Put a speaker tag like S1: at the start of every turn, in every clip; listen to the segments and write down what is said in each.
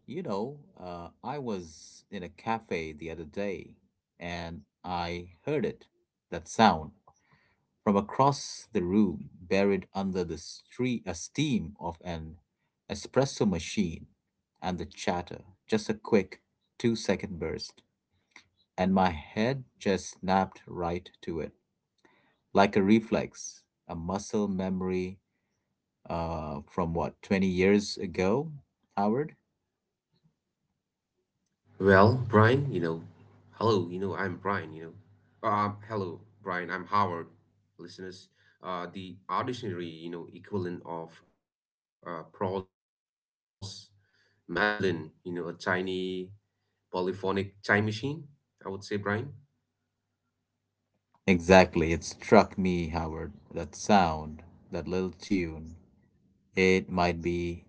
S1: I was in a cafe the other day and I heard it, that sound, from across the room, buried under the steam of an espresso machine and the chatter. Just a quick 2-second burst, and my head just snapped right to it like a reflex, a muscle memory from what, 20 years ago, Howard?
S2: Well, Brian, hello, I'm Brian. Hello, Brian, I'm Howard. Listeners, the ordinary, equivalent of Pro's Madeline, a tiny polyphonic time machine, I would say, Brian.
S1: Exactly. It struck me, Howard, that sound, that little tune. It might be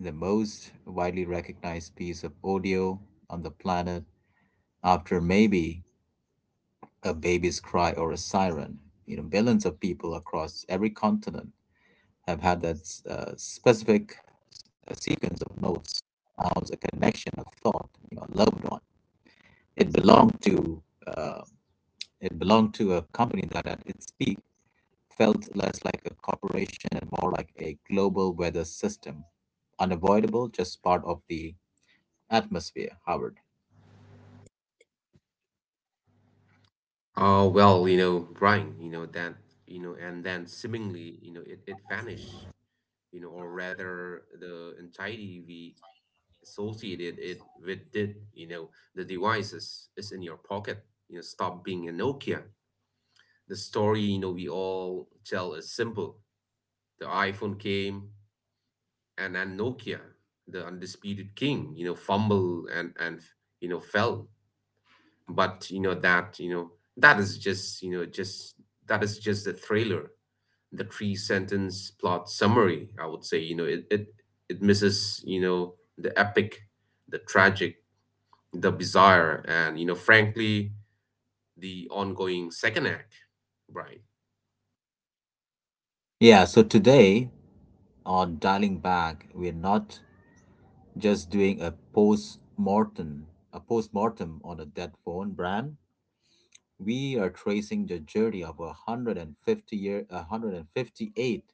S1: the most widely recognized piece of audio on the planet after maybe a baby's cry or a siren. Billions of people across every continent have had that specific sequence of notes, sounds, a connection, a thought, a loved one. It belonged to uh, it belonged to a company that, that it speaks felt less like a corporation and more like a global weather system. Unavoidable, just part of the atmosphere, Howard.
S2: Well, Brian, and then seemingly, it vanished. Or rather the anxiety we associated it with it. The device is in your pocket. Stop being a Nokia. The story, we all tell is simple. The iPhone came, and then Nokia, the undisputed king, fumble and fell. But, that is just, that is just the thriller, the three sentence plot summary, I would say. It misses, the epic, the tragic, the bizarre, and, frankly, the ongoing second act, Brian.
S1: Yeah, so today on Dialing Back, we're not just doing a post mortem on a dead phone brand. We are tracing the journey of a one hundred and fifty eight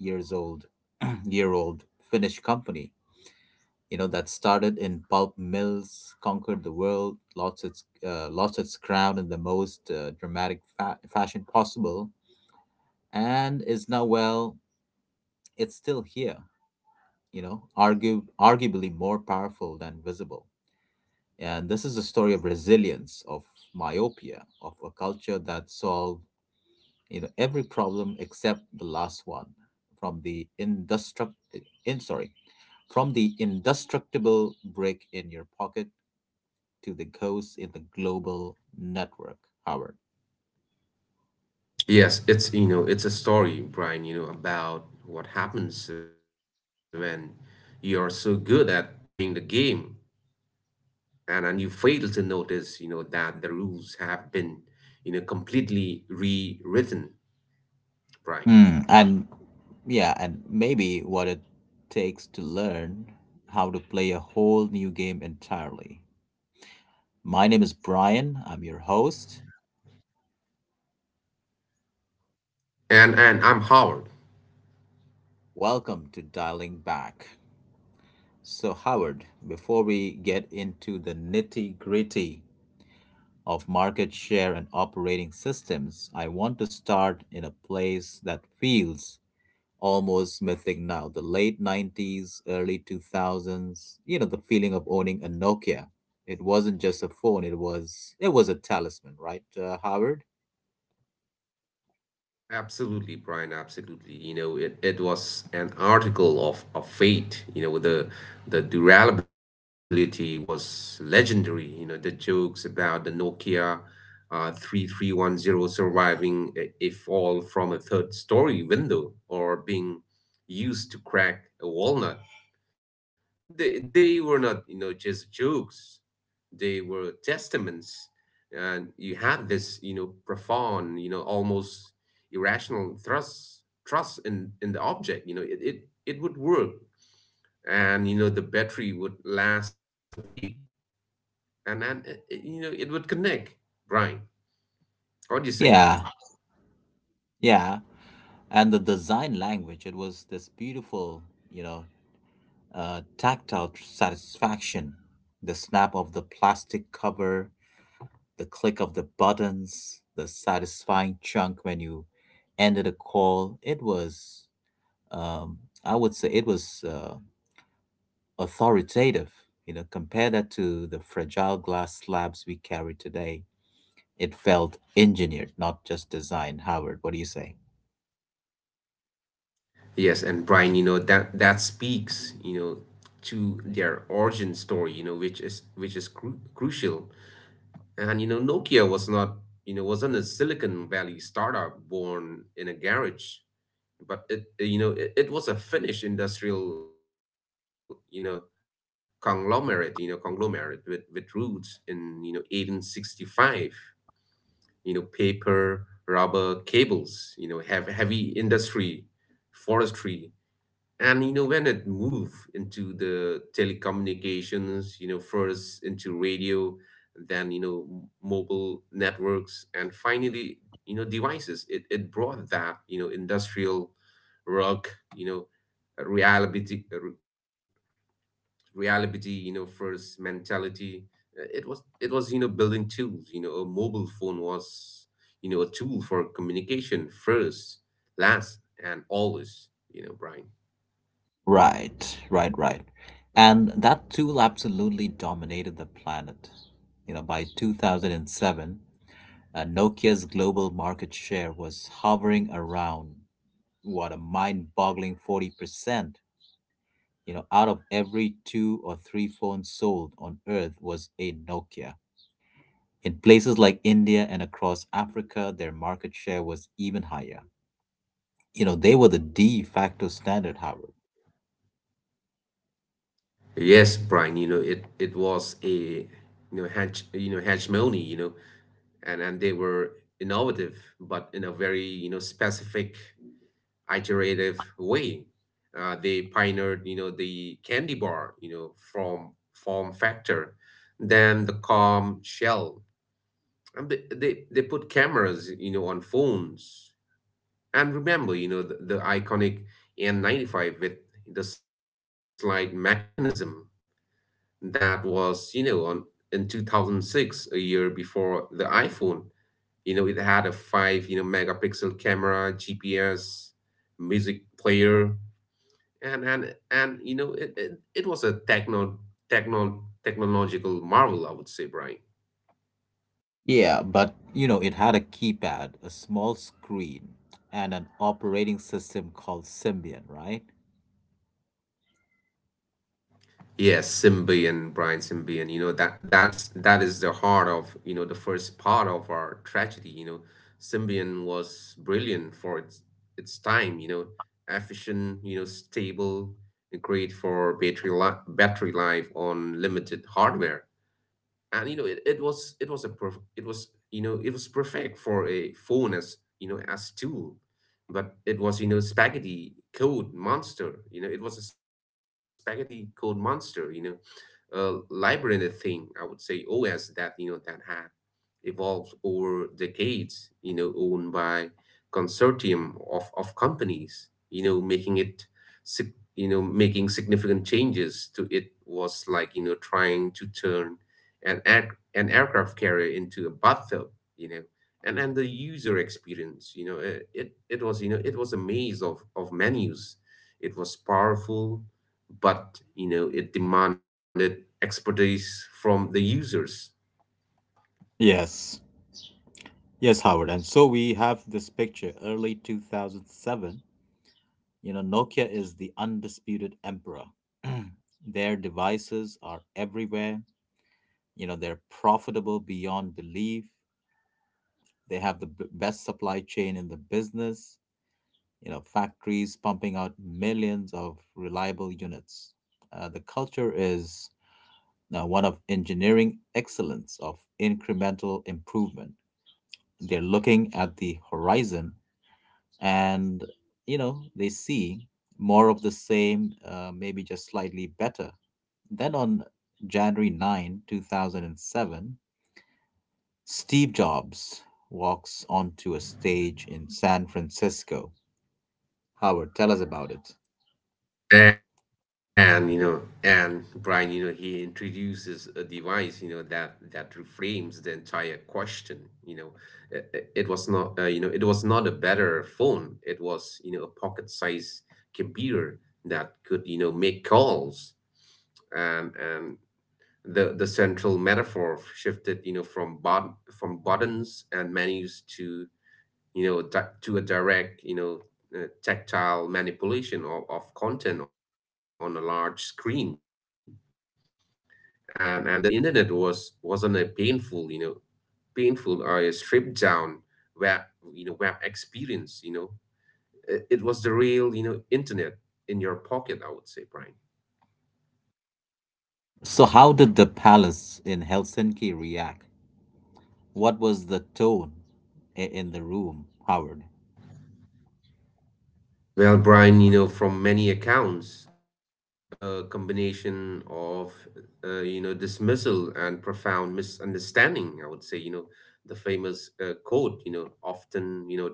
S1: years old year old Finnish company that started in pulp mills, conquered the world, lost its crown in the most dramatic fashion possible, and is now, well, it's still here, argue arguably more powerful than visible. And this is a story of resilience, of myopia, of a culture that solved every problem except the last one, from the indestruct in sorry from the indestructible brick in your pocket, to the ghosts in the global network, Howard.
S2: Yes, it's a story, Brian, about what happens when you're so good at playing the game, and you fail to notice, that the rules have been, completely rewritten, Brian.
S1: And yeah, and maybe what it takes to learn how to play a whole new game entirely. My name is Brian, I'm your host.
S2: And I'm Howard.
S1: Welcome to Dialing Back. So, Howard, before we get into the nitty gritty of market share and operating systems, I want to start in a place that feels almost missing now. The late 90s, early 2000s, the feeling of owning a Nokia. It wasn't just a phone, it was a talisman, right, Howard?
S2: Absolutely, Brian, absolutely. It was an article of fate. The durability was legendary. The jokes about the Nokia 3310 surviving a fall from a third story window, or being used to crack a walnut, they were not, just jokes, they were testaments. And you have this, profound, almost irrational trust in the object. It would work, and the battery would last a week, and then it, you know it would connect, Brian. What do you say?
S1: Yeah, yeah. And the design language, it was this beautiful, you know, tactile satisfaction. The snap of the plastic cover, the click of the buttons, the satisfying chunk when you ended a call. It was, um, I would say, it was authoritative. Compare that to the fragile glass slabs we carry today. It felt engineered, not just designed. Howard, what do you say?
S2: Yes. And, Brian, that speaks, to their origin story, which is crucial. And, Nokia was not, wasn't a Silicon Valley startup born in a garage, but it was a Finnish industrial, conglomerate with roots in, 1865, paper, rubber, cables, have heavy industry, forestry, and when it moved into the telecommunications, first into radio, then, mobile networks, and finally, devices. It brought that, industrial rock, you know reality, reality, first mentality. It was building tools. A mobile phone was, a tool for communication: first, last, and always, Brian.
S1: Right, right, right. And that tool absolutely dominated the planet. By 2007, Nokia's global market share was hovering around, what, a mind-boggling 40%. Out of every two or three phones sold on Earth was a Nokia. In places like India and across Africa, their market share was even higher. They were the de facto standard, Howard.
S2: Yes, Brian, it was a, hegemony, and they were innovative, but in a very, specific, iterative way. They pioneered, the candy bar, you know, from form factor, then the calm shell, and they put cameras, on phones, and remember, the iconic N95, with the slide mechanism that was, in 2006, a year before the iPhone. It had a 5, megapixel camera, GPS, music player, and it was a technological marvel, I would say, Brian.
S1: Yeah, but it had a keypad, a small screen, and an operating system called Symbian, right?
S2: Yes, Symbian, Brian. Symbian. That is the heart of, the first part of our tragedy. Symbian was brilliant for its time. Efficient, stable, great for battery life on limited hardware. And, you know, it was it was perfect for a phone, as you know as tool. But it was, spaghetti code monster. It was a spaghetti code monster, a labyrinth thing, I would say, always, that you know that had evolved over decades, owned by consortium of companies, you know, making it, sig- you know, making significant changes to it, was like, trying to turn an aircraft carrier into a bathtub, you know, and the user experience, it was a maze of menus. It was powerful, but, it demanded expertise from the users.
S1: Yes. Yes, Howard. And so we have this picture early 2007. Nokia is the undisputed emperor. Their devices are everywhere. They're profitable beyond belief. They have the best supply chain in the business, factories pumping out millions of reliable units. The culture is one of engineering excellence, of incremental improvement. They're looking at the horizon and, they see more of the same, maybe just slightly better. Then on January 9, 2007, Steve Jobs walks onto a stage in San Francisco. Howard, tell us about it.
S2: And, Brian, he introduces a device, that reframes the entire question. It was not, it was not a better phone. It was, a pocket-sized computer that could, make calls. And the central metaphor shifted, from buttons and menus to, to a direct, tactile manipulation of content on a large screen, and the internet wasn't a painful, painful or a stripped down, web web experience. It was the real, internet in your pocket, I would say, Brian.
S1: So, how did the palace in Helsinki react? What was the tone in the room, Howard?
S2: Well, Brian, from many accounts, a combination of, dismissal and profound misunderstanding, I would say, the famous, quote, often,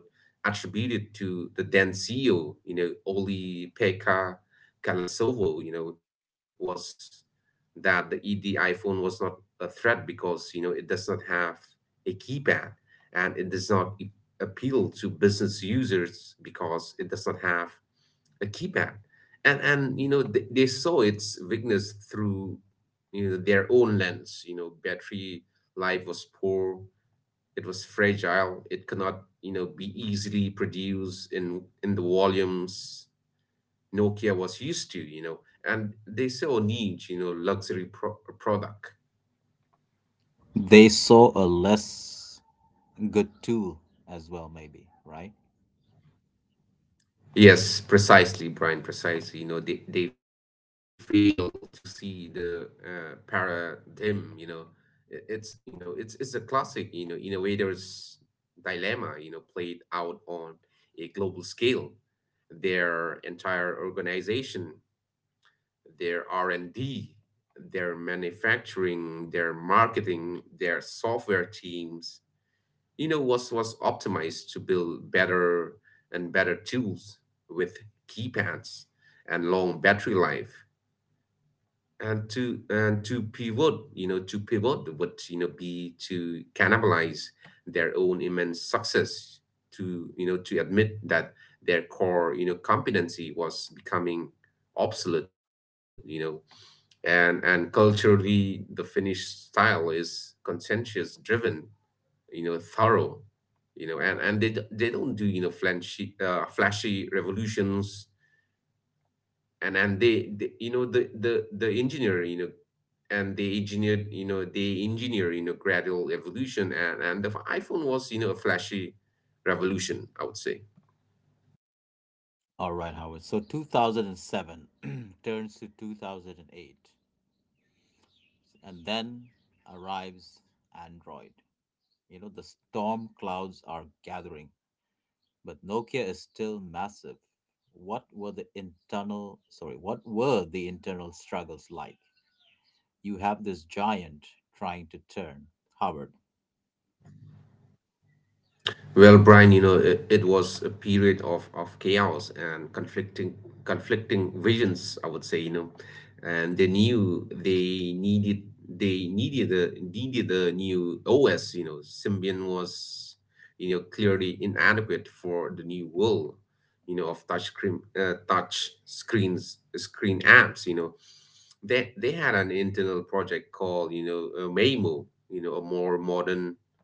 S2: attributed to the then CEO, Oli Pekka Kalasovo, was that the ED iPhone was not a threat because, it does not have a keypad, and it does not, appeal to business users, because it does not have a keypad. And they saw its weakness through, their own lens. Battery life was poor. It was fragile, it cannot, be easily produced in the volumes Nokia was used to. And they saw a need, luxury product.
S1: They saw a less good tool as well, maybe, right?
S2: Yes, precisely, Brian, precisely. They fail to see the, paradigm. It's a classic, innovators dilemma, played out on a global scale. Their entire organization, their R&D, their manufacturing, their marketing, their software teams, was optimized to build better and better tools with keypads and long battery life, and to pivot would, be to cannibalize their own immense success, to you know to admit that their core, competency was becoming obsolete. And culturally the Finnish style is conscientious driven, thorough. And they don't do, flashy revolutions. And they they engineered you know they engineer you know gradual evolution. And the iPhone was, a flashy revolution, I would say.
S1: All right, Howard. So 2007 turns to 2008, and then arrives Android. The storm clouds are gathering. But Nokia is still massive. What were the internal struggles like? You have this giant trying to turn, Howard.
S2: Well, Brian, it was a period of chaos and conflicting visions, I would say, and they knew they needed a new OS, Symbian was, clearly inadequate for the new world, of touch screen apps, They had an internal project called, Waymo, a more modern,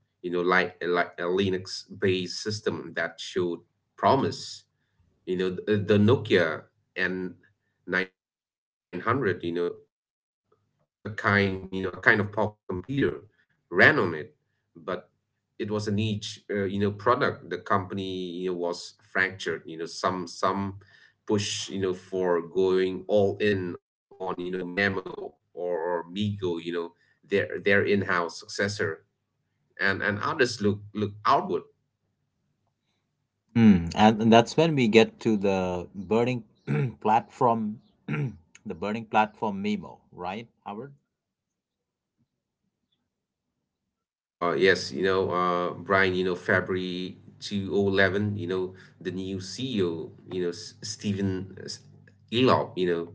S2: like a Linux-based system that showed promise. The Nokia N 900, a kind you know a kind of pocket computer, ran on it, but it was a niche, product. The company, was fractured. Some push, for going all in on, Mamo or Migo. Their in-house successor, and others look outward.
S1: And that's when we get to the burning platform, the burning platform memo, right, Howard?
S2: Yes, yes, Brian, February 2011, the new CEO, Stephen, Elop,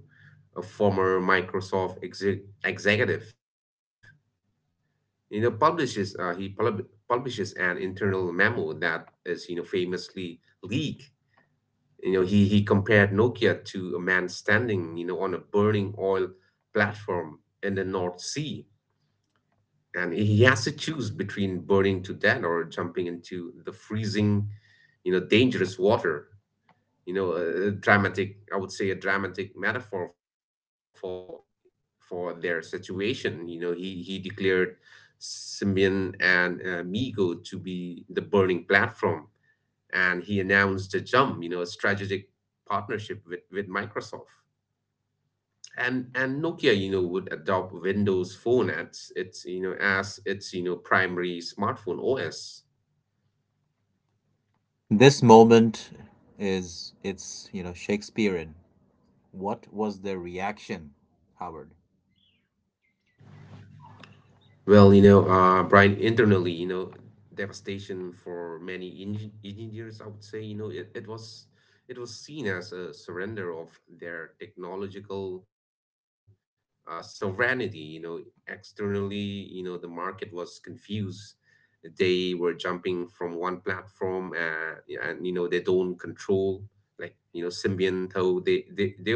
S2: a former Microsoft executive, publishes he pub publishes an internal memo that is, famously leaked. He compared Nokia to a man standing, on a burning oil platform in the North Sea, and he has to choose between burning to death or jumping into the freezing, dangerous water. A dramatic, I would say, a dramatic metaphor for their situation. He declared Simeon and, Migo to be the burning platform, and he announced a jump, a strategic partnership with Microsoft, and Nokia, would adopt Windows Phone as its primary smartphone OS.
S1: This moment is it's you know Shakespearean. What was the reaction, Howard?
S2: Well, Brian, internally, devastation for many, engineers, I would say, it was seen as a surrender of their technological, sovereignty. Externally, the market was confused. They were jumping from one platform, and they don't control like Symbian, though they were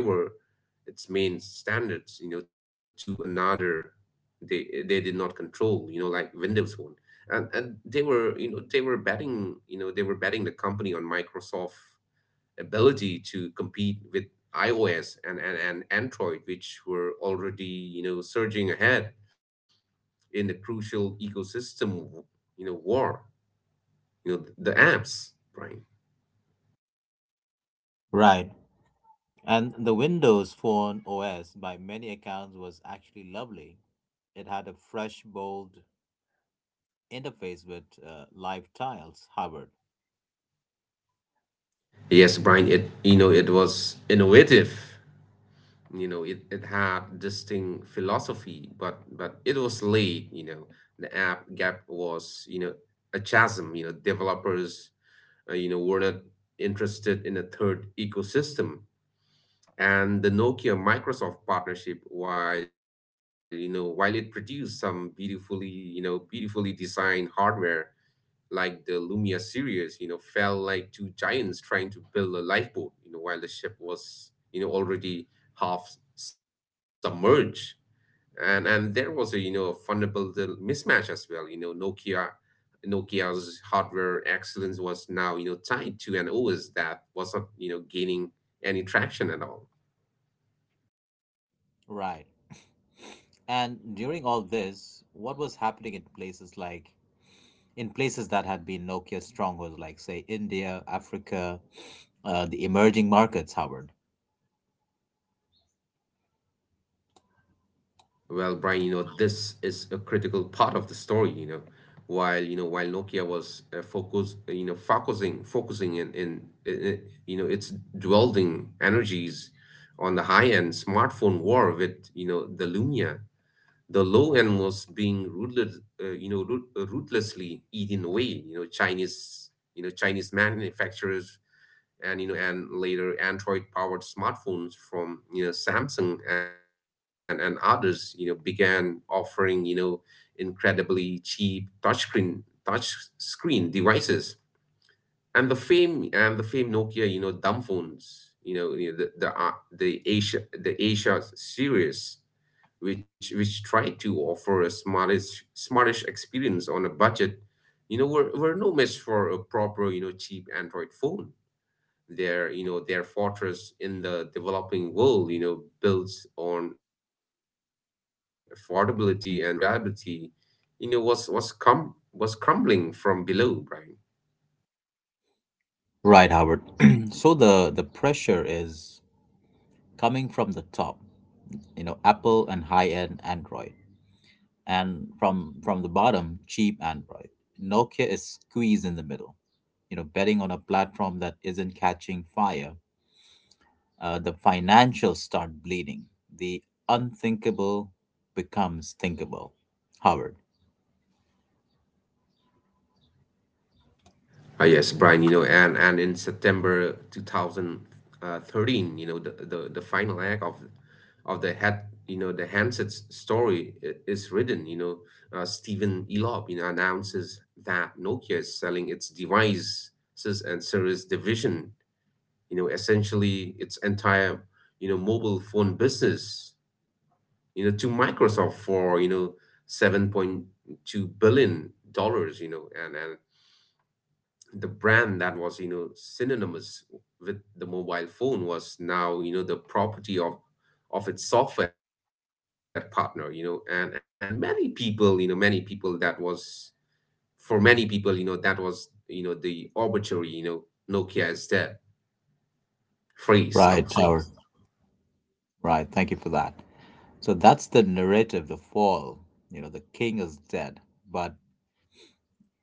S2: its main standards, you know, to another. They did not control, you know, like Windows Phone. And they were, you know, they were betting, you know, they were betting the company on Microsoft ability to compete with iOS and Android, which were already, you know, surging ahead in the crucial ecosystem, you know, war, you know, the apps, Brian.
S1: Right. And the Windows Phone OS, by many accounts, was actually lovely. It had a fresh, bold interface with live tiles hovered.
S2: Yes, Brian, it, you know, it was innovative, you know, it had distinct philosophy, but it was late, you know. The app gap was, you know, a chasm, you know. Developers, you know, were not interested in a third ecosystem. And the Nokia Microsoft partnership, while you know, while it produced some beautifully, you know, beautifully designed hardware like the Lumia series, you know, felt like two giants trying to build a lifeboat, you know, while the ship was, you know, already half submerged. And there was a, you know, a fundamental mismatch as well, you know. Nokia's hardware excellence was now, you know, tied to an OS that was not, you know, gaining any traction at all.
S1: Right. And during all this, what was happening in places that had been Nokia strongholds, like say India, Africa, the emerging markets, Howard.
S2: Well, Brian, you know, this is a critical part of the story, you know. While Nokia was focused you know focusing focusing in you know, its dwelling energies on the high-end smartphone war with, you know, the Lumia, the low animals being ruthless, ruthlessly eaten away. You know, Chinese manufacturers and, you know, and later Android-powered smartphones from, you know, Samsung and others, you know, began offering, you know, incredibly cheap touch screen devices. And the fame Nokia, you know, dumb phones. You know, the Asia series, which try to offer a smartish experience on a budget, you know, were no match for a proper, you know, cheap Android phone. Their, you know, their fortress in the developing world, you know, built on affordability and reliability, you know, was crumbling from below, right.
S1: Right, Howard. So the pressure is coming from the top. Apple and high end Android. And from the bottom, cheap Android. Nokia is squeezed in the middle, betting on a platform that isn't catching fire. The financials start bleeding. The unthinkable becomes thinkable, Howard.
S2: Yes, Brian, you know, and in September 2013, you know, the final act of the head, you know, the Hanset's story is written. You know, Stephen Elop, you know, announces that Nokia is selling its devices and service division, you know, essentially its entire, you know, mobile phone business, you know, to Microsoft for, you know, 7.2 billion dollars, you know, and the brand that was, you know, synonymous with the mobile phone was now, you know, the property of its software partner, you know. And many people that was for many people you know, that was, you know, the arbitrary, you know, Nokia is dead phrase, I would say.
S1: Right, Howard. Right, thank you for that. So that's the narrative, the fall. The king is dead. But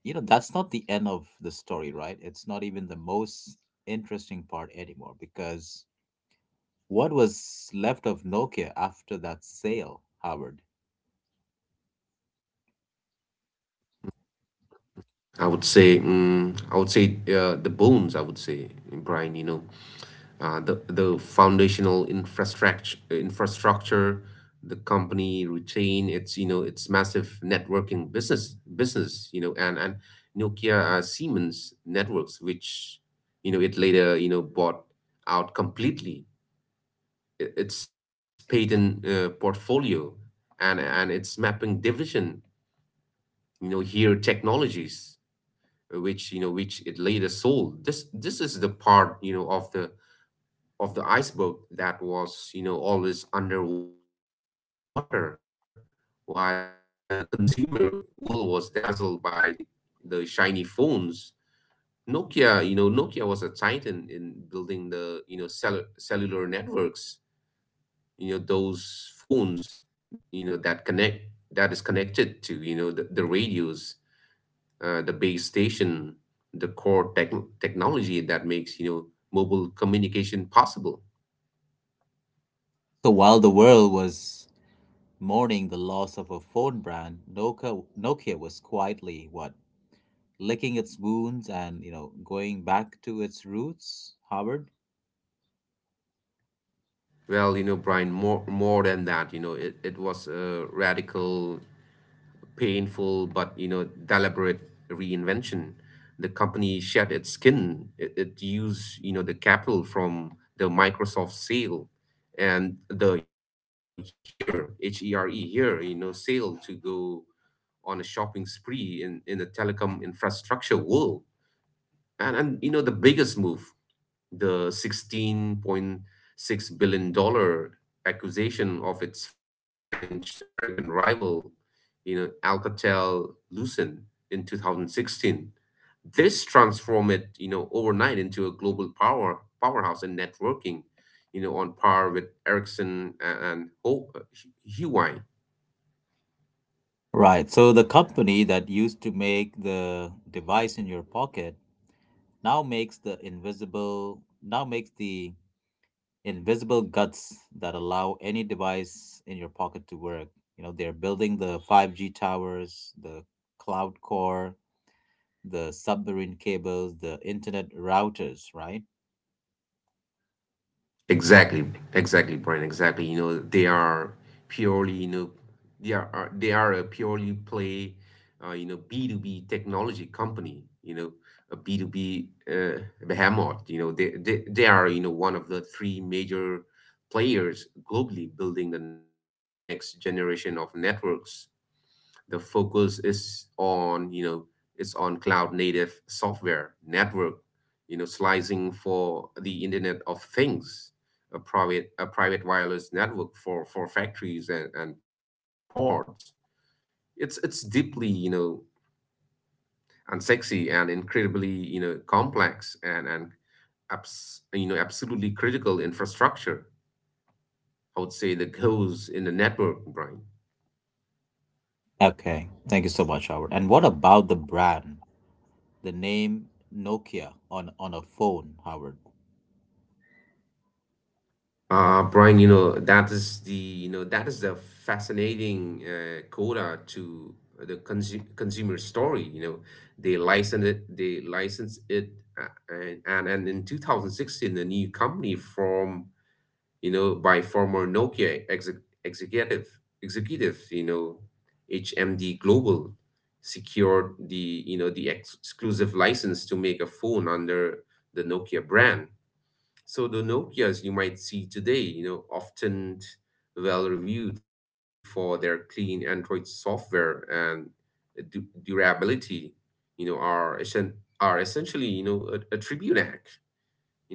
S1: that's not the end of the story, right? It's not even the most interesting part anymore, because what was left of Nokia after that sale, Howard?
S2: I would say, the bones, I would say, Brian. You know, the foundational infrastructure, the company retain its, you know, its massive networking business, you know, and Nokia, Siemens networks, which, you know, it later, you know, bought out completely. Its patent, portfolio and its mapping division, you know, Here Technologies, which you know, which it later sold. This is the part, you know, of the iceberg that was, you know, always underwater, while the consumer world was dazzled by the shiny phones. Nokia, you know, Nokia was a titan in building the, you know, cellular networks. You know, those phones, you know, that connect that is connected to, you know, the radios, the base station, the technology that makes, you know, mobile communication possible.
S1: So while the world was mourning the loss of a phone brand, Nokia was quietly, what, licking its wounds and going back to its roots, Howard.
S2: Well, you know, Brian, more than that, you know, it was a radical, painful, but you know, deliberate reinvention. The company shed its skin. It used, you know, the capital from the Microsoft sale and the here, HERE, here, you know, sale to go on a shopping spree in the telecom infrastructure world. And you know, the biggest move, the 16.6 billion dollar acquisition of its French American rival, you know, Alcatel-Lucent in 2016. This transformed it, you know, overnight into a global powerhouse in networking, you know, on par with Ericsson and Huawei.
S1: Right. So the company that used to make the device in your pocket now makes the invisible guts that allow any device in your pocket to work. They're building the 5G towers, the cloud core, the submarine cables, the internet routers, right?
S2: Exactly, exactly, Brian. Exactly. You know, they are purely, you know, they are a purely play, you know, B2B technology company, you know, a B2B, uh, behemoth. You know, they are, you know, one of the three major players globally building the next generation of networks. The focus is on, you know, it's on cloud native software network, you know, slicing for the internet of things, a private wireless network for factories and ports. It's deeply, you know, unsexy and incredibly, you know, complex and you know, absolutely critical infrastructure, I would say, the goes in the network, right.
S1: Okay. Thank you so much, Howard. And what about the brand? The name Nokia on a phone, Howard?
S2: Brian, you know, that is the, you know, that is the fascinating coda to the consumer story. You know, they licensed it, and in 2016, a new company from, you know, by former Nokia executive executive, you know, HMD Global secured the, you know, the ex exclusive license to make a phone under the Nokia brand. So the Nokias you might see today, you know, often well reviewed for their clean Android software and durability, you know, are essentially, you know, a tribute act,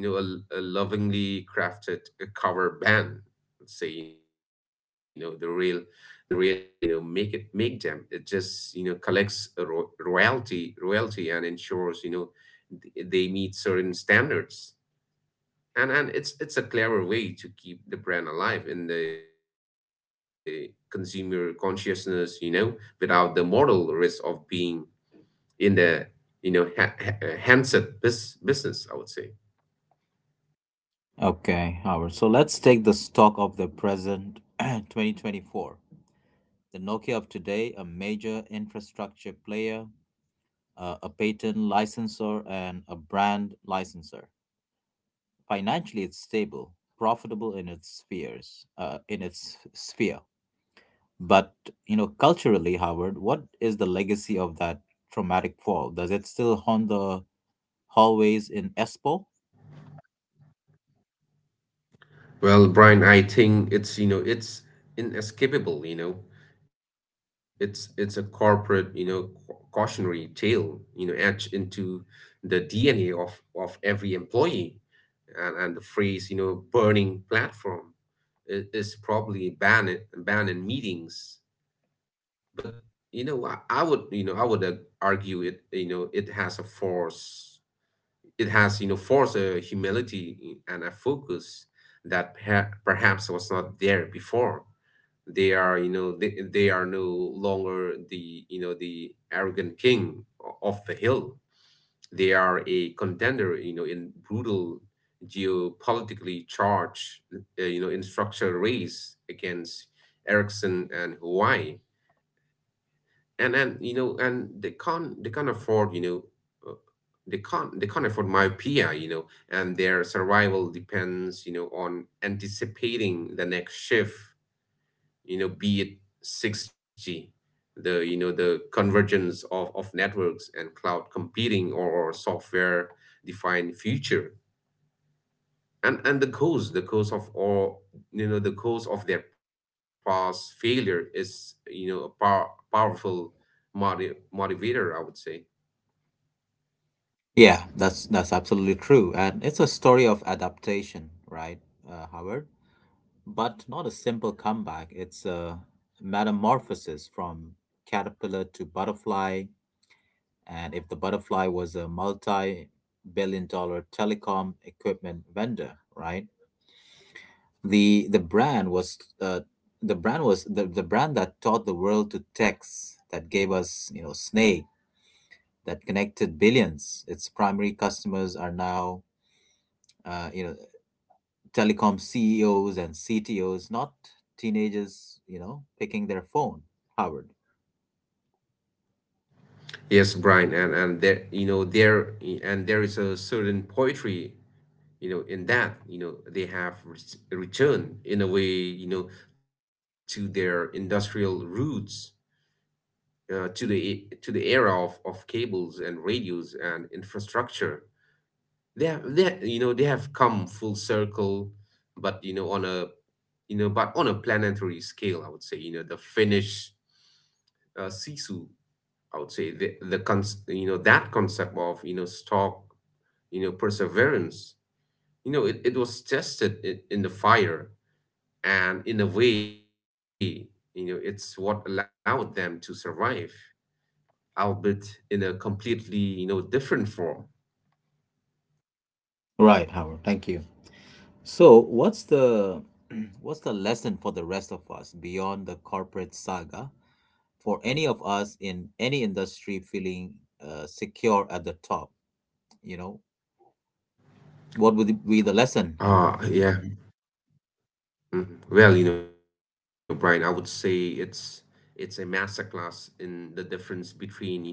S2: you know, a lovingly crafted cover band. Let's say, you know, the real Nokia does not, you know, make them. It just, you know, collects a royalty and ensures, you know, they meet certain standards. And it's a clever way to keep the brand alive in the consumer consciousness, you know, without the mortal risk of being in the, you know, handset business, I would say.
S1: Okay, Howard. So let's take the stock of the present 2024. The Nokia of today, a major infrastructure player, a patent licensor, and a brand licensor. Financially, it's stable, profitable in its sphere. But culturally, Howard, what is the legacy of that traumatic fall? Does it still haunt the hallways in Espoo?
S2: Well, Brian, I think it's, you know, it's inescapable, you know. It's a corporate, you know, cautionary tale, you know, etched into the DNA of every employee. And the phrase, you know, burning platform is probably banned in meetings. But, you know, I would, argue it, you know, it has a force. It has, you know, forced a humility and a focus that perhaps was not there before. They are, you know, they are no longer the, you know, the arrogant king of the hill. They are a contender, you know, in brutal geopolitically charged, you know, in structural race against Ericsson and Hawaii. And you know, and they can't afford, you know, uh, they can't afford myopia, you know. And their survival depends, you know, on anticipating the next shift, you know, be it 6G, the, you know, the convergence of networks and cloud computing, or software defined future. And the cause of all you know the cause of their past failure is, you know, a powerful motivator, I would say.
S1: Yeah, that's absolutely true, and it's a story of adaptation, right, Howard? But not a simple comeback. It's a metamorphosis from caterpillar to butterfly. And if the butterfly was a multi billion dollar telecom equipment vendor, right? The brand was the brand was the brand that taught the world to text, that gave us, Snake, that connected billions. Its primary customers are now uh, you know, telecom CEOs and CTOs, not teenagers, picking their phone, Howard.
S2: Yes, Brian, and there and there is a certain poetry, you know, in that, you know, they have returned in a way, you know, to their industrial roots, to the era of cables and radios and infrastructure. They have come full circle, but you know, but on a planetary scale, I would say, you know, the Finnish, sisu, I would say, the cons you know that concept of, you know, stock, you know, perseverance, you know, it was tested in the fire. And in a way, you know, it's what allowed them to survive, albeit in a completely, you know, different form.
S1: Right, Howard. Thank you. So, what's the what's the lesson for the rest of us beyond the corporate saga for any of us in any industry feeling secure at the top? You know, what would be the lesson, Howard?
S2: Ah, yeah. Mhm. Well, you know, Brian, I would say it's a masterclass in the difference between, you know,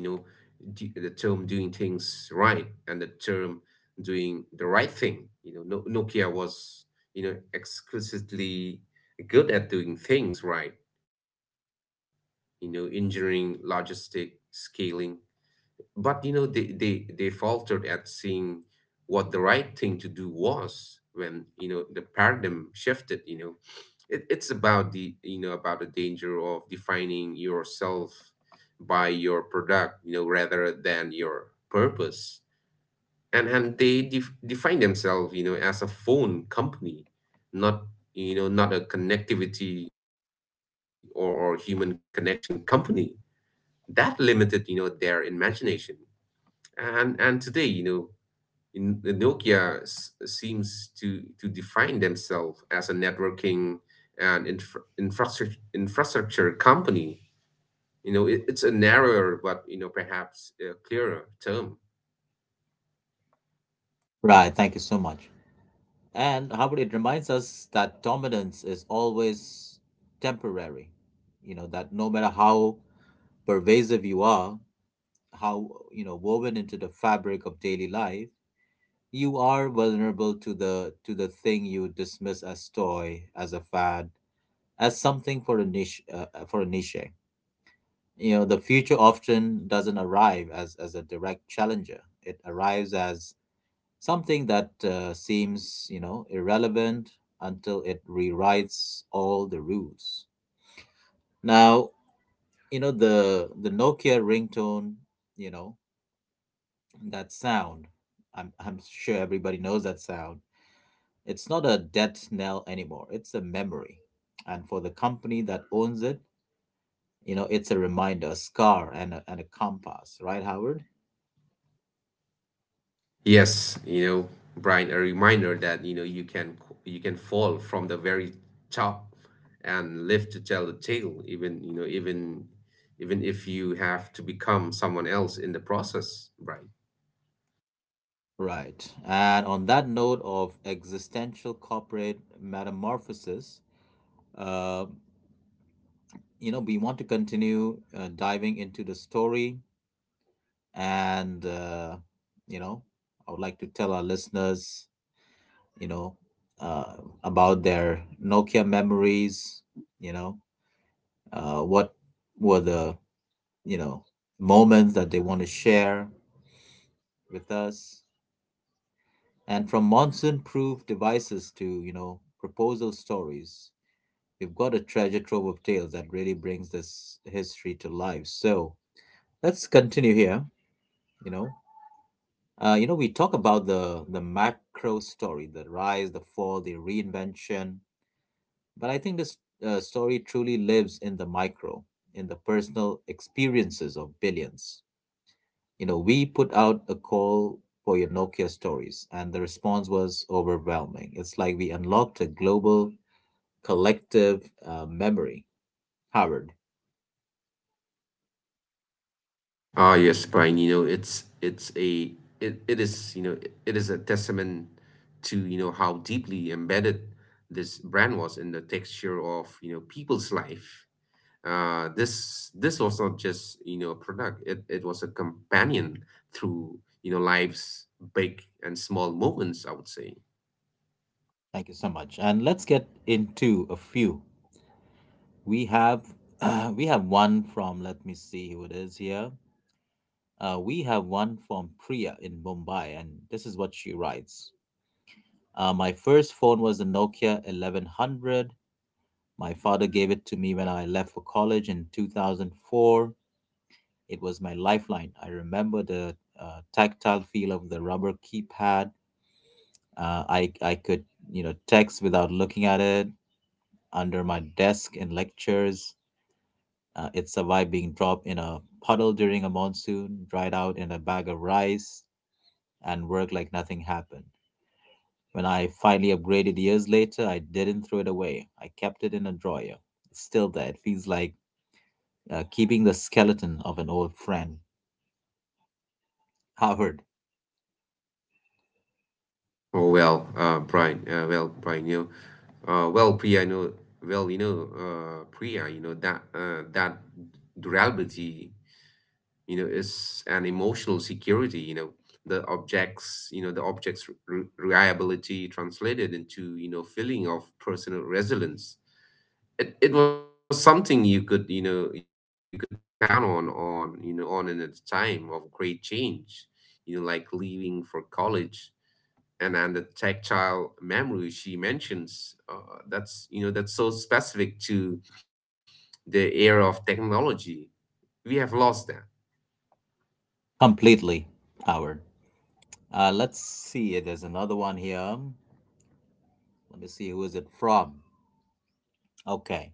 S2: the term doing things right and the term doing the right thing. You know, no, Nokia was, you know, exquisitely good at doing things right. You know, engineering, logistic, scaling, but they faltered at seeing what the right thing to do was when the paradigm shifted. It's about the about the danger of defining yourself by your product, rather than your purpose. Define themselves, as a phone company, not, not a connectivity or human connection company. That limited, their imagination. And today in nokia seems to define themselves as a networking and infrastructure company. It's a narrower, but perhaps a clearer term.
S1: Right, thank you so much. And Howard, it reminds us that dominance is always temporary. That no matter how pervasive you are, how, woven into the fabric of daily life, you are vulnerable to the thing you dismiss as toy, as a fad, as something for a niche. The future often doesn't arrive as a direct challenger. It arrives as something that seems, irrelevant, until it rewrites all the rules. Now, the Nokia ringtone, you know that sound. I'm sure everybody knows that sound. It's not a death knell anymore, it's a memory. And for the company that owns it, it's a reminder, a scar, and and a compass, right, Howard?
S2: Yes, Brian, a reminder that, you can, you can fall from the very top and live to tell the tale. Even, even if you have to become someone else in the process, Brian.
S1: Right. And on that note of existential corporate metamorphosis, uh, we want to continue diving into the story. And, you know, I would like to tell our listeners, you know, uh, about their Nokia memories, you know, what were the you know moments that they want to share with us, and from monsoon proof devices to proposal stories, we've got a treasure trove of tales that really brings this history to life. So let's continue here. you know we talk about the macro story, the rise, the fall, the reinvention. But I think this story truly lives in the micro, in the personal experiences of billions. We put out a call for your Nokia stories, and the response was overwhelming. It's like we unlocked a global collective memory. Howard,
S2: Ah, yes, Brian, you know, it's a it, it is, you know, it is a testament to, how deeply embedded this brand was in the texture of, people's life. This was not just, a product. It was a companion through, life's big and small moments, I would say.
S1: thank you so much. And let's get into a few. We have we have one from, let me see who it is here. We have one from Priya in Mumbai, and this is what she writes. My first phone was a Nokia 1100. My father gave it to me when I left for college in 2004. It was my lifeline. I remember the tactile feel of the rubber keypad. I could text without looking at it under my desk in lectures. It survived being dropped in a puddle during a monsoon, dried out in a bag of rice, and worked like nothing happened. When I finally upgraded years later, I didn't throw it away. I kept it in a drawer. It's still there. It feels like keeping the skeleton of an old friend. Howard,
S2: Oh well, Brian. Well, Brian, you know, well, Priya, you know, well, you know, Priya, that that durability, is an emotional security. You know, the objects, the objects' reliability translated into, feeling of personal resilience. It was something you could, you could count on in a time of great change. You know, like leaving for college. And the tactile memory she mentions, that's, that's so specific to the era of technology. We have lost that.
S1: completely, Howard. Let's see. There's another one here. Let me see. Who is it from? Okay.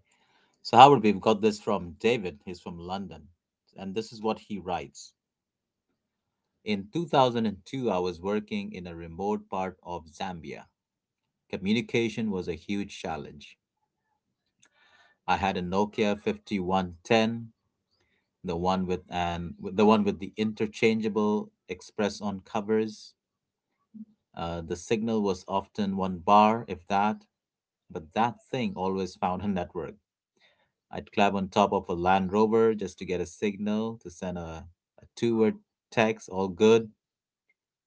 S1: So, Howard, we've got this from David. He's from London. And this is what he writes. In 2002, I was working in a remote part of Zambia. Communication was a huge challenge. I had a Nokia 5110, the one with the interchangeable express on covers. The signal was often one bar, if that, but that thing always found a network. I'd climb on top of a Land Rover just to get a signal to send a two word text, all good.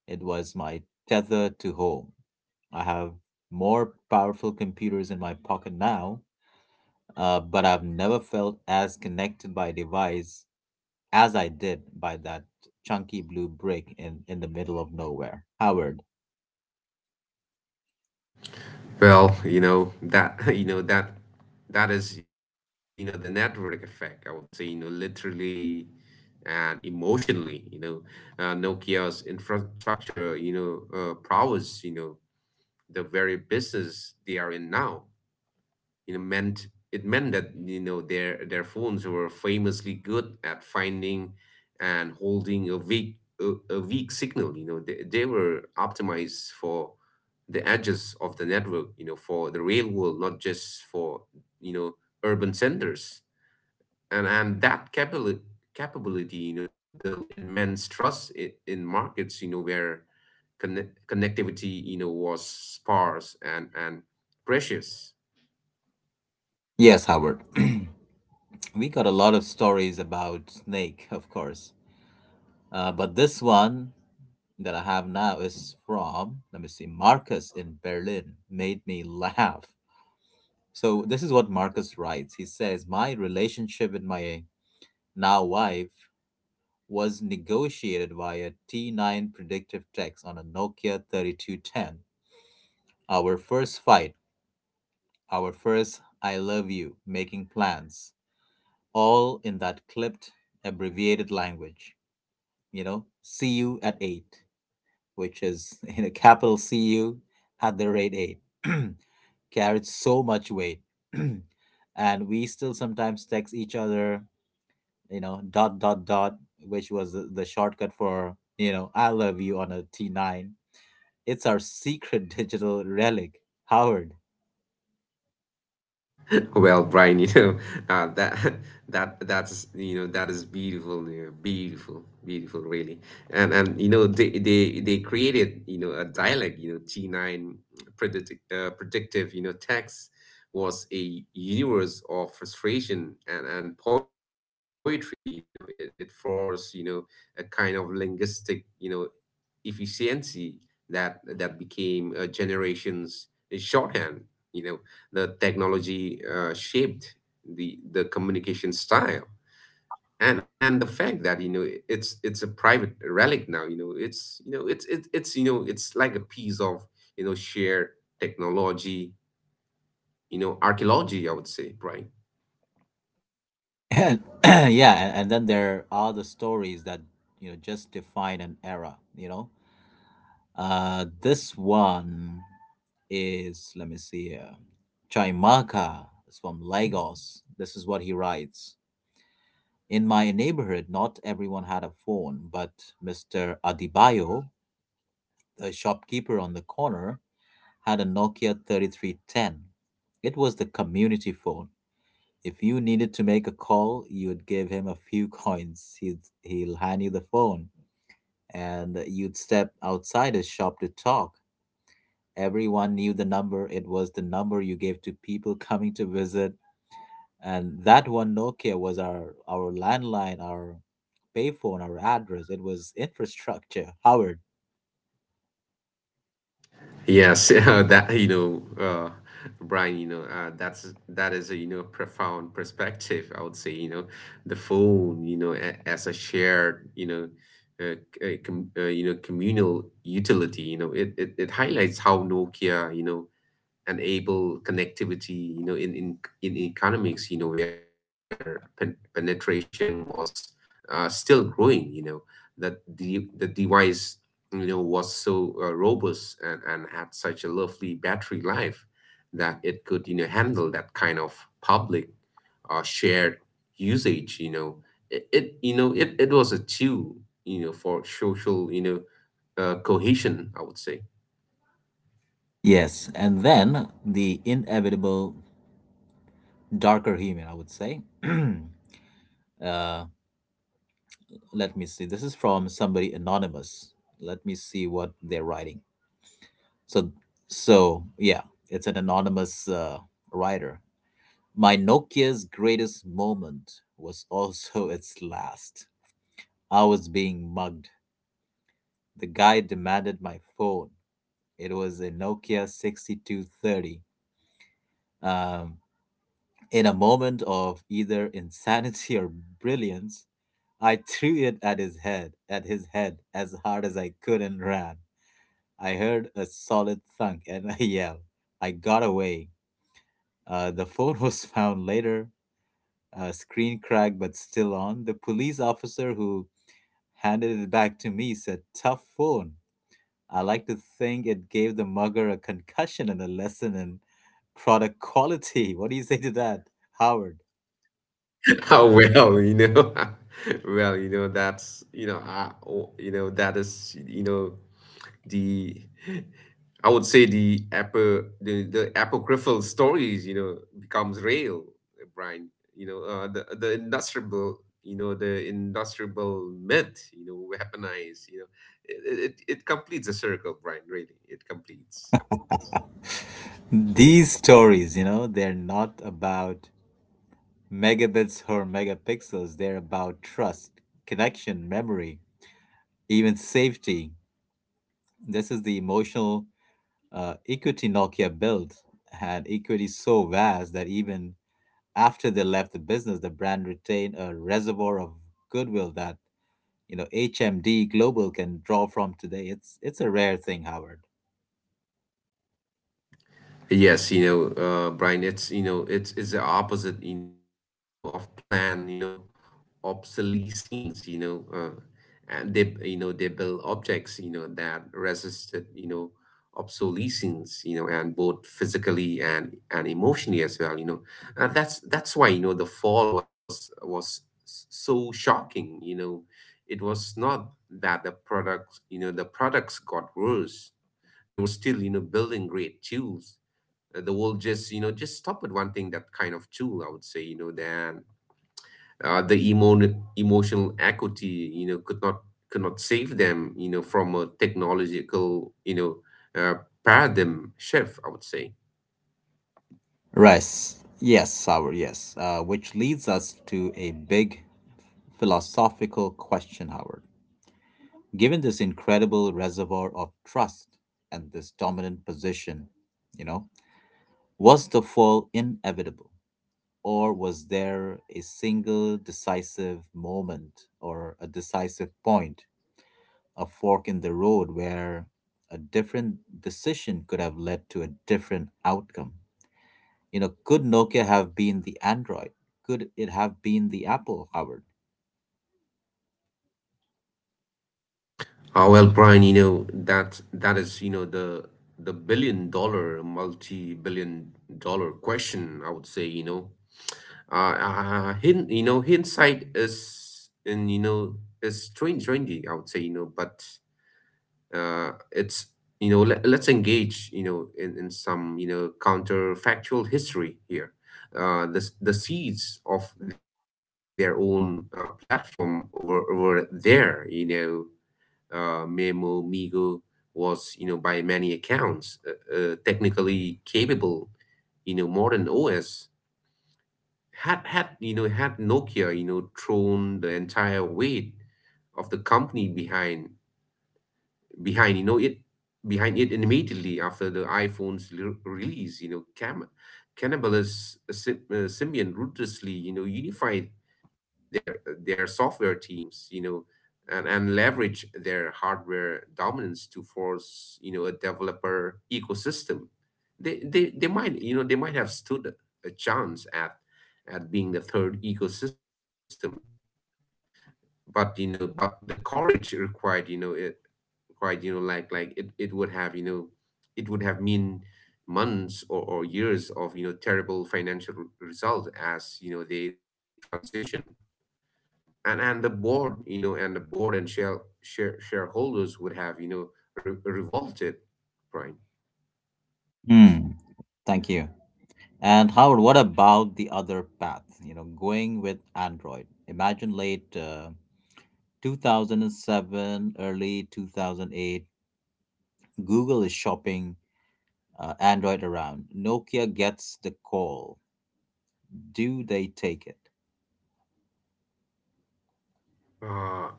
S1: It was my tether to home. I have more powerful computers in my pocket now, but I've never felt as connected by a device as I did by that chunky blue brick in the middle of nowhere. Howard.
S2: Well, that that is, the network effect, I would say. You know, literally and emotionally. You know, nokia's infrastructure, prowess, the very business they are in now, meant it meant that, their phones were famously good at finding and holding a weak, a weak signal. You know they were optimized for the edges of the network. You know, for the real world, not just for, you know urban centers. And that capability, capability, built immense trust in markets, where connectivity, was sparse and precious.
S1: Yes, Howard. We got a lot of stories about Snake, of course, but this one that I have now is from, let me see, Marcus in Berlin, made me laugh. So, this is what Marcus writes. He says, my relationship with my now wife was negotiated via T9 predictive text on a Nokia 3210. Our first fight, our first I love you, making plans, all in that clipped, abbreviated language. You know, see you at 8, which is you know capital cu at the rate 8 carried so much weight, and we still sometimes text each other, dot dot dot, which was the shortcut for I love you on a T9. It's our secret digital relic, Howard.
S2: Well, Brian, you know, that that is beautiful, beautiful, beautiful, really. And they created, a dialect, you know, T nine predictive, text was a universe of frustration and poetry. You know, it forced, a kind of linguistic, efficiency that that became a generation's, shorthand. You know, the technology, shaped the communication style, and the fact that, it's a private relic now. You know, it's like a piece of, shared technology. You know, archaeology, I would say, right?
S1: And yeah, and then there are the stories that, you know, just define an era, you know. Uh, this one is, let me see here, Chaimaka is from Lagos. This is what he writes. In my neighborhood, not everyone had a phone, but Mr. Adibayo, the shopkeeper on the corner, had a Nokia 3310. It was the community phone. If you needed to make a call, you'd give him a few coins. He'll hand you the phone, and you'd step outside his shop to talk. Everyone knew the number. It was the number you gave to people coming to visit, and that one Nokia was our landline, our payphone, our address. It was infrastructure, Howard.
S2: Yes, Brian, that's, that is, a, profound perspective, I would say. You know, the phone, a, as a shared, you know, uh, c- com, you know, communal utility. You know, it it highlights how Nokia, and able connectivity, in economics, where penetration was, still growing, that the device, was so, robust and had such a lovely battery life that it could, handle that kind of public, shared usage. You know, it was a tool, for social, cohesion, I would say.
S1: Yes, and then the inevitable darker human, I would say. Uh, let me see. This is from somebody anonymous. Let me see what they're writing. So, yeah, it's an anonymous writer. My Nokia's greatest moment was also its last. I was being mugged. The guy demanded my phone. It was a Nokia 6230. Um, in a moment of either insanity or brilliance, I threw it at his head, as hard as I could and ran. I heard a solid thunk and a yell. I got away. The phone was found later, screen cracked but still on. The police officer who handed it back to me said, tough phone. I like to think it gave the mugger a concussion and a lesson in product quality. What do you say to that, Howard?
S2: Oh, well, well, you know, that's, you know, I, oh, you know, that is, the, I would say the apocryphal stories, becomes real, Brian. You know, the industrial, the industrial myth, weaponized. You know, it it completes a circle, Brian. Really, it completes.
S1: These stories, you know, they're not about megabits or megapixels. They're about trust, connection, memory, even safety. This is the emotional equity Nokia built, had equity so vast that even after they left the business, the brand retained a reservoir of goodwill that, you know, HMD Global can draw from today. It's a rare thing, Howard.
S2: Yes, Brian, it's the opposite, of plan, obsolescence. You know, they build objects, that resisted, obsolescence. You know, and both physically and emotionally as well. You know, and that's why, the fall was so shocking. You know, it was not that the products, the products got worse. They were still, building great tools. The world just, just stop at one thing, that kind of tool, I would say. You know, then, emotional equity, could not, could not save them, from a technological, uh, paradigm shift, I would say.
S1: Rice, yes, Howard, yes. Which leads us to a big philosophical question, Howard. Given this incredible reservoir of trust and this dominant position, you know, was the fall inevitable, or was there a single decisive moment or a decisive point, a fork in the road where a different decision could have led to a different outcome. You know, could Nokia have been the Android? Could it have been the Apple, Howard?
S2: Oh, well, Brian, that that is, the billion-dollar, multi-billion-dollar question, I would say, you know. Hindsight is is 2020, I would say, you know. But it's let's engage, in some, counterfactual history here. The seeds of their own, platform, over there, memo migo, was, by many accounts, technically capable, modern OS. Had nokia, thrown the entire weight of the company behind, behind you know it behind it immediately after the iPhone's release, cam Cannibalus Symbian ruthlessly, unified their software teams, and leverage their hardware dominance to force, a developer ecosystem, they might, they might have stood a chance at being the third ecosystem. But but the courage required, you know it required, like it would have, it would have mean months or years of, terrible financial result as, they transition. And the board, and shareholders would have, revolted, Brian.
S1: Hmm. Thank you. And Howard, what about the other path? You know, going with Android. Imagine late 2007, early 2008, Google is shopping Android around. Nokia gets the call. Do they take it?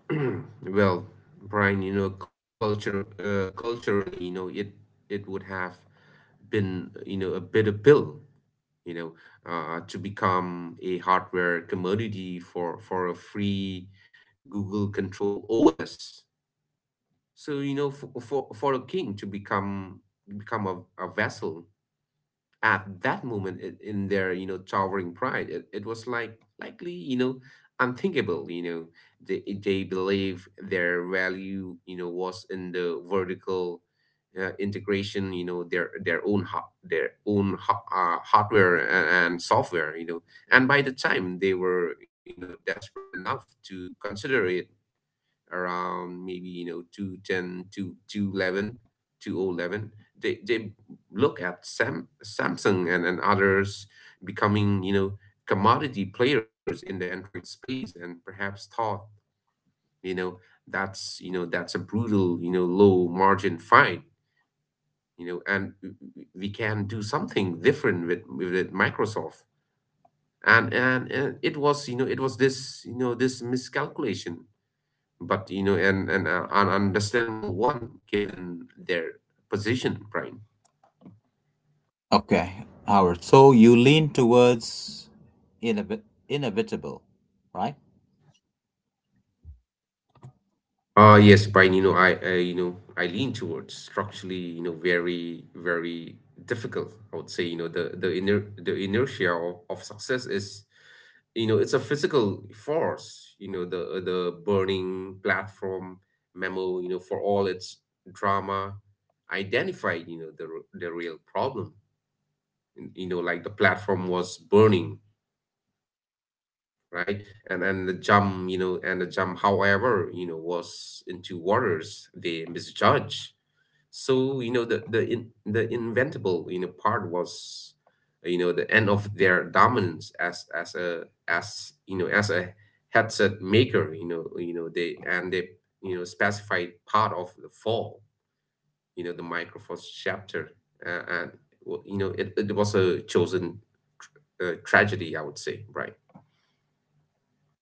S2: uh, well, Brian, culture, culturally, it would have been, a bitter pill, you know, to become a hardware commodity for a free Google control OS. So for, for a king to become, become a vassal at that moment, in their, towering pride, it was likely, unthinkable. You know, they believe their value, was in the vertical, integration. You know, their own hot their own ho- hardware and software. You know, and by the time they were, desperate enough to consider it, around maybe, 210 to 211, they look at samsung and others becoming, commodity players in the android space, and perhaps thought, you know that's, that's a brutal, low margin fight. You know, we can do something different with microsoft. And it was, it was this, this miscalculation, but you know, an understandable one given their position, Brian.
S1: Okay, Howard. So you lean towards inevit- inevitable, right?
S2: Yes, Brian, I, I lean towards structurally, very, very difficult, I would say. You know, the iner, the inertia of success is, it's a physical force. You know, the burning platform memo, for all its drama, identified, the real problem. You know, like the platform was burning, right? And the jump, however, was into waters they misjudge. So the inventable, part was, the end of their dominance as a, as a headset maker. You know they, specified part of the fall, the microphone chapter, and well, it was a chosen, tragedy, I would say, right?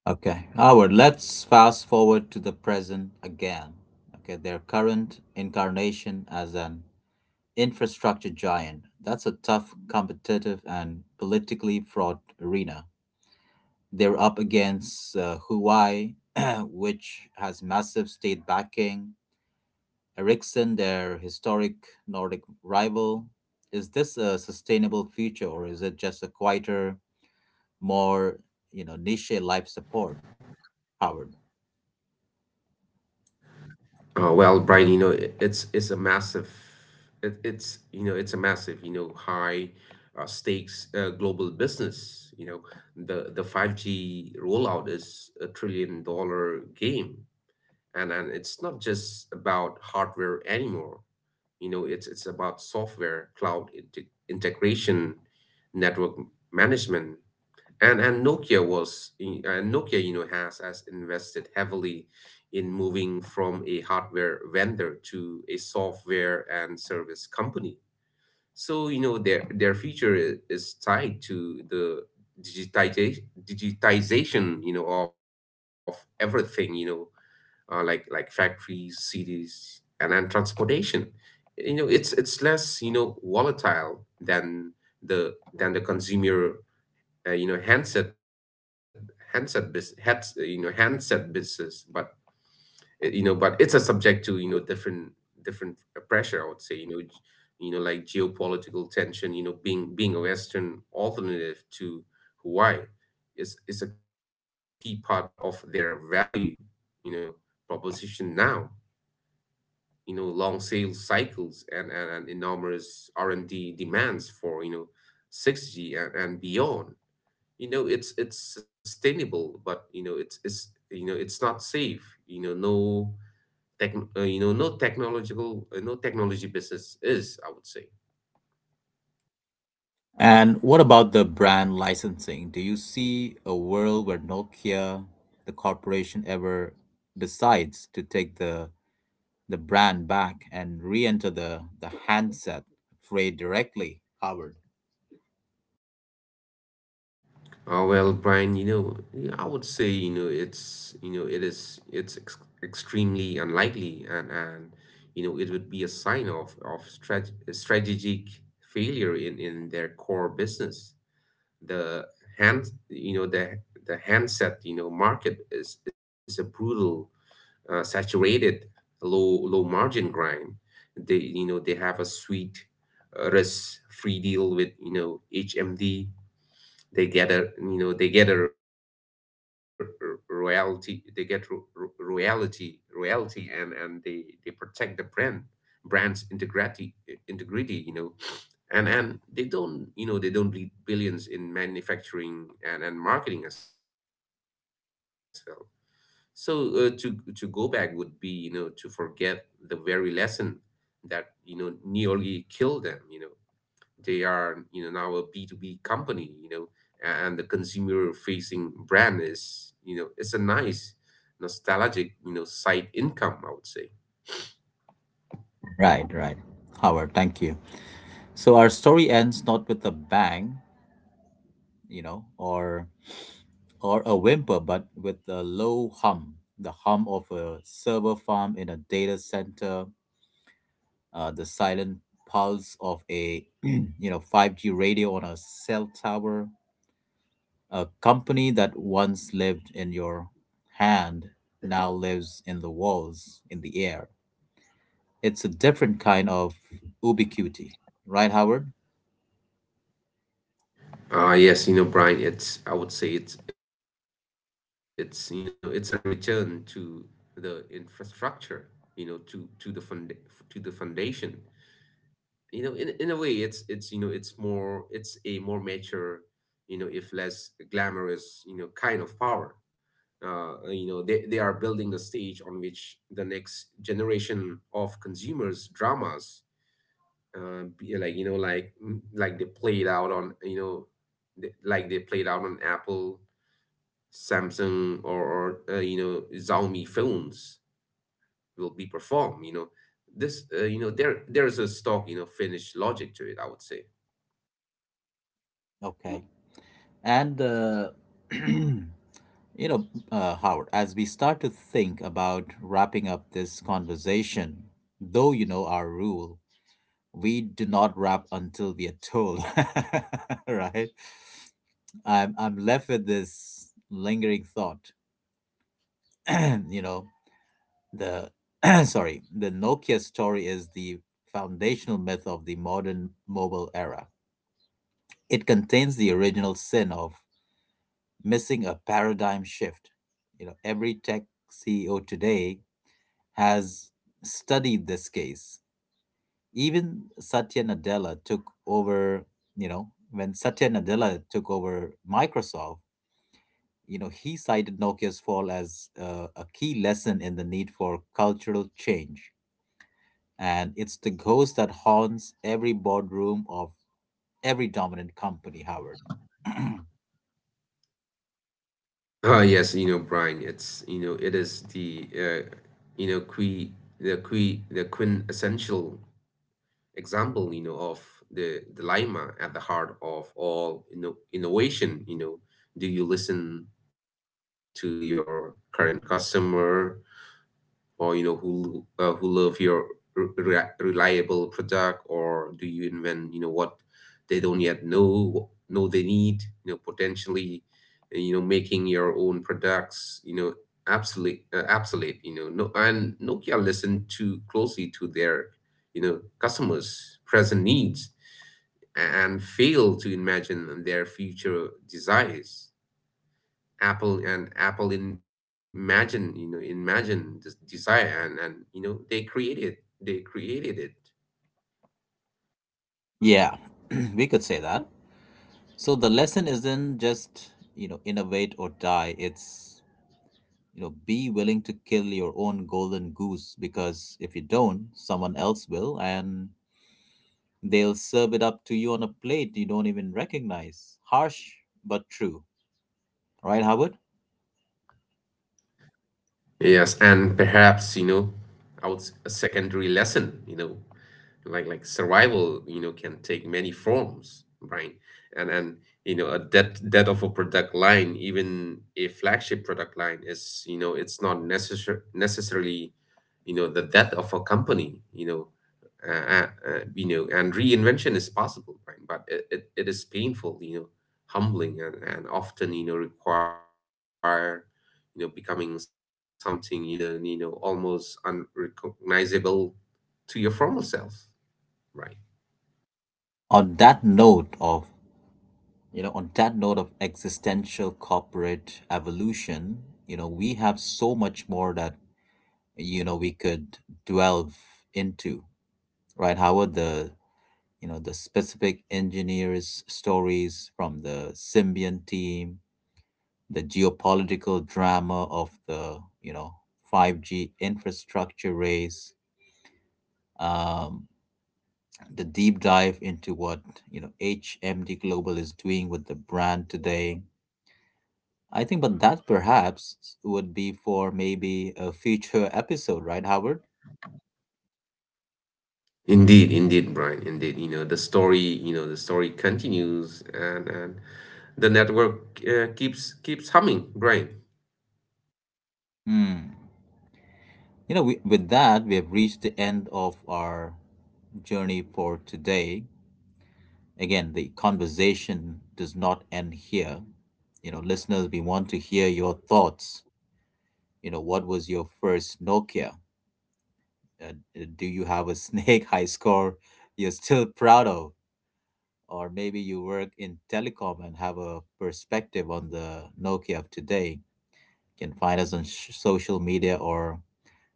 S1: Okay, Howard. Let's fast forward to the present again. Okay, their current incarnation as an infrastructure giant. That's a tough, competitive, and politically fraught arena. They're up against Huawei, which has massive state backing, Ericsson, their historic Nordic rival. Is this a sustainable future, or is it just a quieter, more, you know, niche life support, Howard?
S2: Oh, well, Brian, it's a massive, it's a massive, high, stakes, global business. You know, the 5G rollout is a trillion-dollar game, and it's not just about hardware anymore. It's about software, cloud integration, network management, and and Nokia was and Nokia has invested heavily in moving from a hardware vendor to a software and service company, so their future is tied to the digitization of everything. Like factories, cities, and then transportation. It's less, volatile the than the consumer uh, you know handset handset business. But it's a subject to, different pressure, I would say, like geopolitical tension, being being a western alternative to Hawaii is a key part of their value, you know proposition now. Long sales cycles, and enormous R&D demands for, 6G and beyond. It's sustainable, but it's not safe. No tech you know no technology business is, I would say.
S1: And what about the brand licensing? Do you see a world where Nokia, the corporation, ever decides to take the brand back and re-enter the handset fray directly, Howard?
S2: Well, Brian, yeah, I would say, you know it's you know it is it's extremely unlikely, and it would be a sign of strategic failure in their core business. the hand you know the the handset market is a brutal, saturated, low low margin grind. They you know they have a sweet, risk free deal with, HMD. They get a royalty. They get ro- ro- royalty royalty, and they protect the brand's integrity. And they don't bleed billions in manufacturing and marketing as well. So to go back would be, to forget the very lesson that, nearly killed them. You know, they are, now a B2B company, and the consumer facing brand is, it's a nice, nostalgic, side income, I would say.
S1: Right, right. Howard, thank you. So our story ends not with a bang, you know, or a whimper, but with a low hum, the hum of a server farm in a data center, the silent pulse of a you know 5G radio on a cell tower. A company that once lived in your hand now lives in the walls, in the air. It's a different kind of ubiquity, right, Howard?
S2: Ah, yes, Brian, it's I would say, it's you know it's a return to the infrastructure, you know, to to the fund to the foundation. You know, in a way, it's a more mature, if less glamorous, kind of power. They are building the stage on which the next generation of consumers dramas, uh, be- like you know, like they played out on you know they- like they played out on Apple, Samsung, or Xiaomi phones, will be perform. You know this. There there is a stock, Finnish logic to it, I would say.
S1: Okay. And you know, Howard, as we start to think about wrapping up this conversation, though you know our rule, we do not wrap until we are told, right? I'm left with this lingering thought. You know, the sorry, the Nokia story is the foundational myth of the modern mobile era. It contains the original sin of missing a paradigm shift. You know, every tech CEO today has studied this case. Even Satya Nadella took over, you know, when Satya Nadella took over Microsoft, you know, he cited Nokia's fall as a key lesson in the need for cultural change. And it's the ghost that haunts every boardroom of every dominant company, Howard.
S2: Ah, yes, Brian. It's you know it is the you know que the quintessential example, of the Lima at the heart of all, innovation. Do you listen to your current customer, or who love your reliable product, or do you invent, what they don't yet know they need, potentially, making your own products, absolute, obsolete. No, and Nokia listened too closely to their, customers present needs, and fail to imagine their future desires. Apple imagine, imagine this desire, and they created it.
S1: Yeah, we could say that. So the lesson isn't just, you know, innovate or die. It's, you know, be willing to kill your own golden goose, because if you don't, someone else will, and they'll serve it up to you on a plate you don't even recognize. Harsh, but true. Right, Howard?
S2: Yes, and perhaps, a secondary lesson, like survival, can take many forms, right? And a death of a product line, even a flagship product line, is, it's not necessarily, the death of a company. And reinvention is possible, right, but it is painful, humbling, and often, require, becoming something, almost unrecognizable to your former self, right?
S1: On that note of, on that note of existential corporate evolution, you know, we have so much more that, you know, we could delve into. Right, Howard? The, you know, the specific engineers stories from the symbian team, the geopolitical drama of the, you know, 5G infrastructure race, um, the deep dive into what, you know, hmd global is doing with the brand today. I think, but that perhaps would be for maybe a future episode, right, Howard?
S2: Indeed, indeed, Brian, indeed. You know, the story, you know, the story continues, and the network keeps keeps humming, Brian.
S1: Hmm. You know, with that we have reached the end of our journey for today. Again, the conversation does not end here. You know, listeners, we want to hear your thoughts. You know, what was your first Nokia? Uh, do you have a snake high score you're still proud of? Or maybe you work in telecom and have a perspective on the Nokia of today. You can find us on social media, or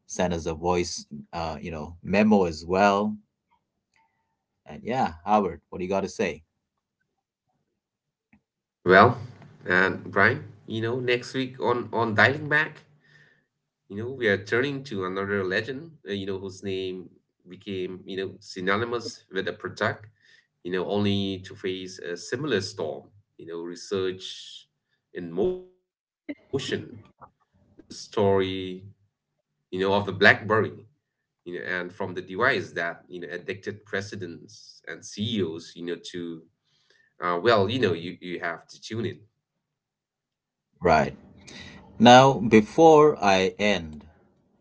S1: send us a voice, you know, memo as well. And yeah, Howard, what do you got to say?
S2: Well, and Brian, next week on dialing back, we are turning to another legend, whose name became, synonymous with a product, only to face a similar storm, research in motion, the story, of the BlackBerry, and from the device that, addicted presidents and CEOs, you know, to well, you, you have to tune in.
S1: Right. Now, before I end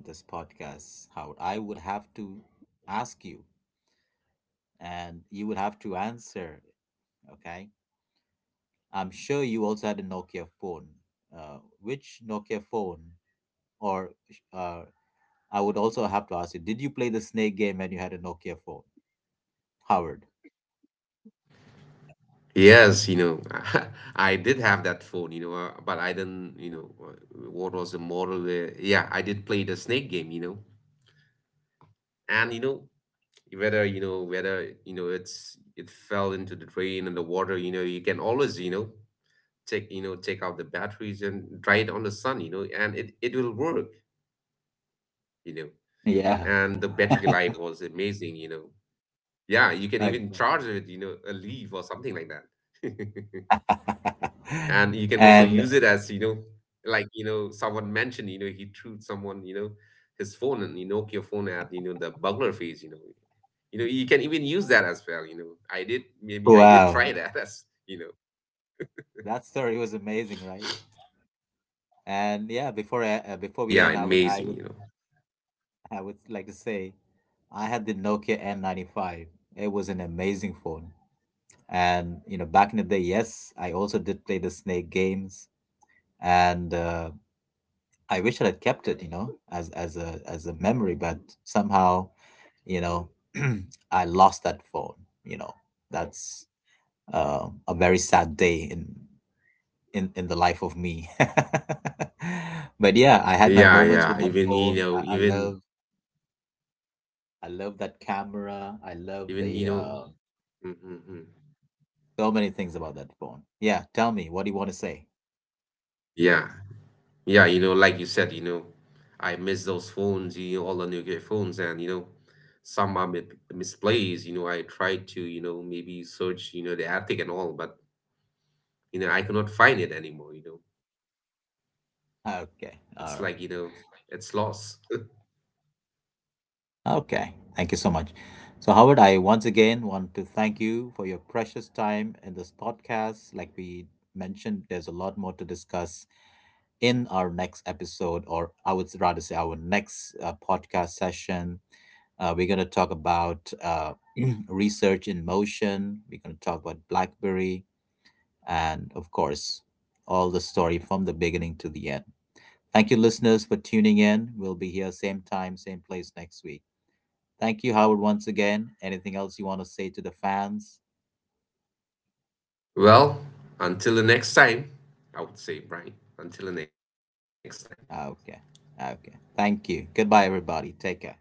S1: this podcast, how I would have to ask you, and you would have to answer. Okay, I'm sure you also had a Nokia phone. Which Nokia phone, or uh, I would also have to ask you, did you play the snake game when you had a Nokia phone, Howard?
S2: Yes, I did have that phone, but I didn't, what was the model? Yeah, I did play the snake game, and whether, it fell into the drain and the water. You can always, take you know take out the batteries and try it on the sun. And it will work. you know
S1: Yeah.
S2: and the battery life was amazing. Yeah, you can even
S1: Exactly.
S2: charge it with, a leaf or something like that. And you can also
S1: And
S2: use it as, someone mentioned, he threw someone, his phone, and you Nokia phone at, the burglar phase. You know you can even use that as well. I did Maybe I did
S1: wow,
S2: try that as,
S1: that story was amazing, right? And yeah,
S2: yeah, amazing. You
S1: before
S2: know
S1: we end, I would like to say, I had the Nokia N95. It was an amazing phone. And you know, back in the day, yes, I also did play the Snake games, and I wish I had kept it, you know, as as a memory. But somehow, you know, I lost that phone. You know, that's a very sad day in the life of me. But yeah, I
S2: Yeah,
S1: had my
S2: yeah,
S1: moments with that phone.
S2: even.
S1: I love that camera. I
S2: Even,
S1: love the
S2: mm-hmm.
S1: so many things about that phone. Yeah, tell me, what do you want to say?
S2: Yeah. Yeah, like you said, I miss those phones, all the Nokia phones, and, some are mi misplaced. I tried to, maybe search, the attic and all, but, I cannot find it anymore, It's like,
S1: Okay, all right.
S2: it's lost.
S1: Okay, thank you so much. So, Howard, I once again want to thank you for your precious time in this podcast. Like we mentioned, there's a lot more to discuss in our next episode, or I would rather say our next podcast session. We're going to talk about research in motion. We're going to talk about BlackBerry, and, of course, all the story from the beginning to the end. Thank you, listeners, for tuning in. We'll be here same time, same place next week. Thank you, Howard, once again. Anything else you want to say to the fans?
S2: Well, until the next time, I would say, Brian, until the next time.
S1: Ah, okay. Okay. Thank you. Goodbye, everybody. Take care.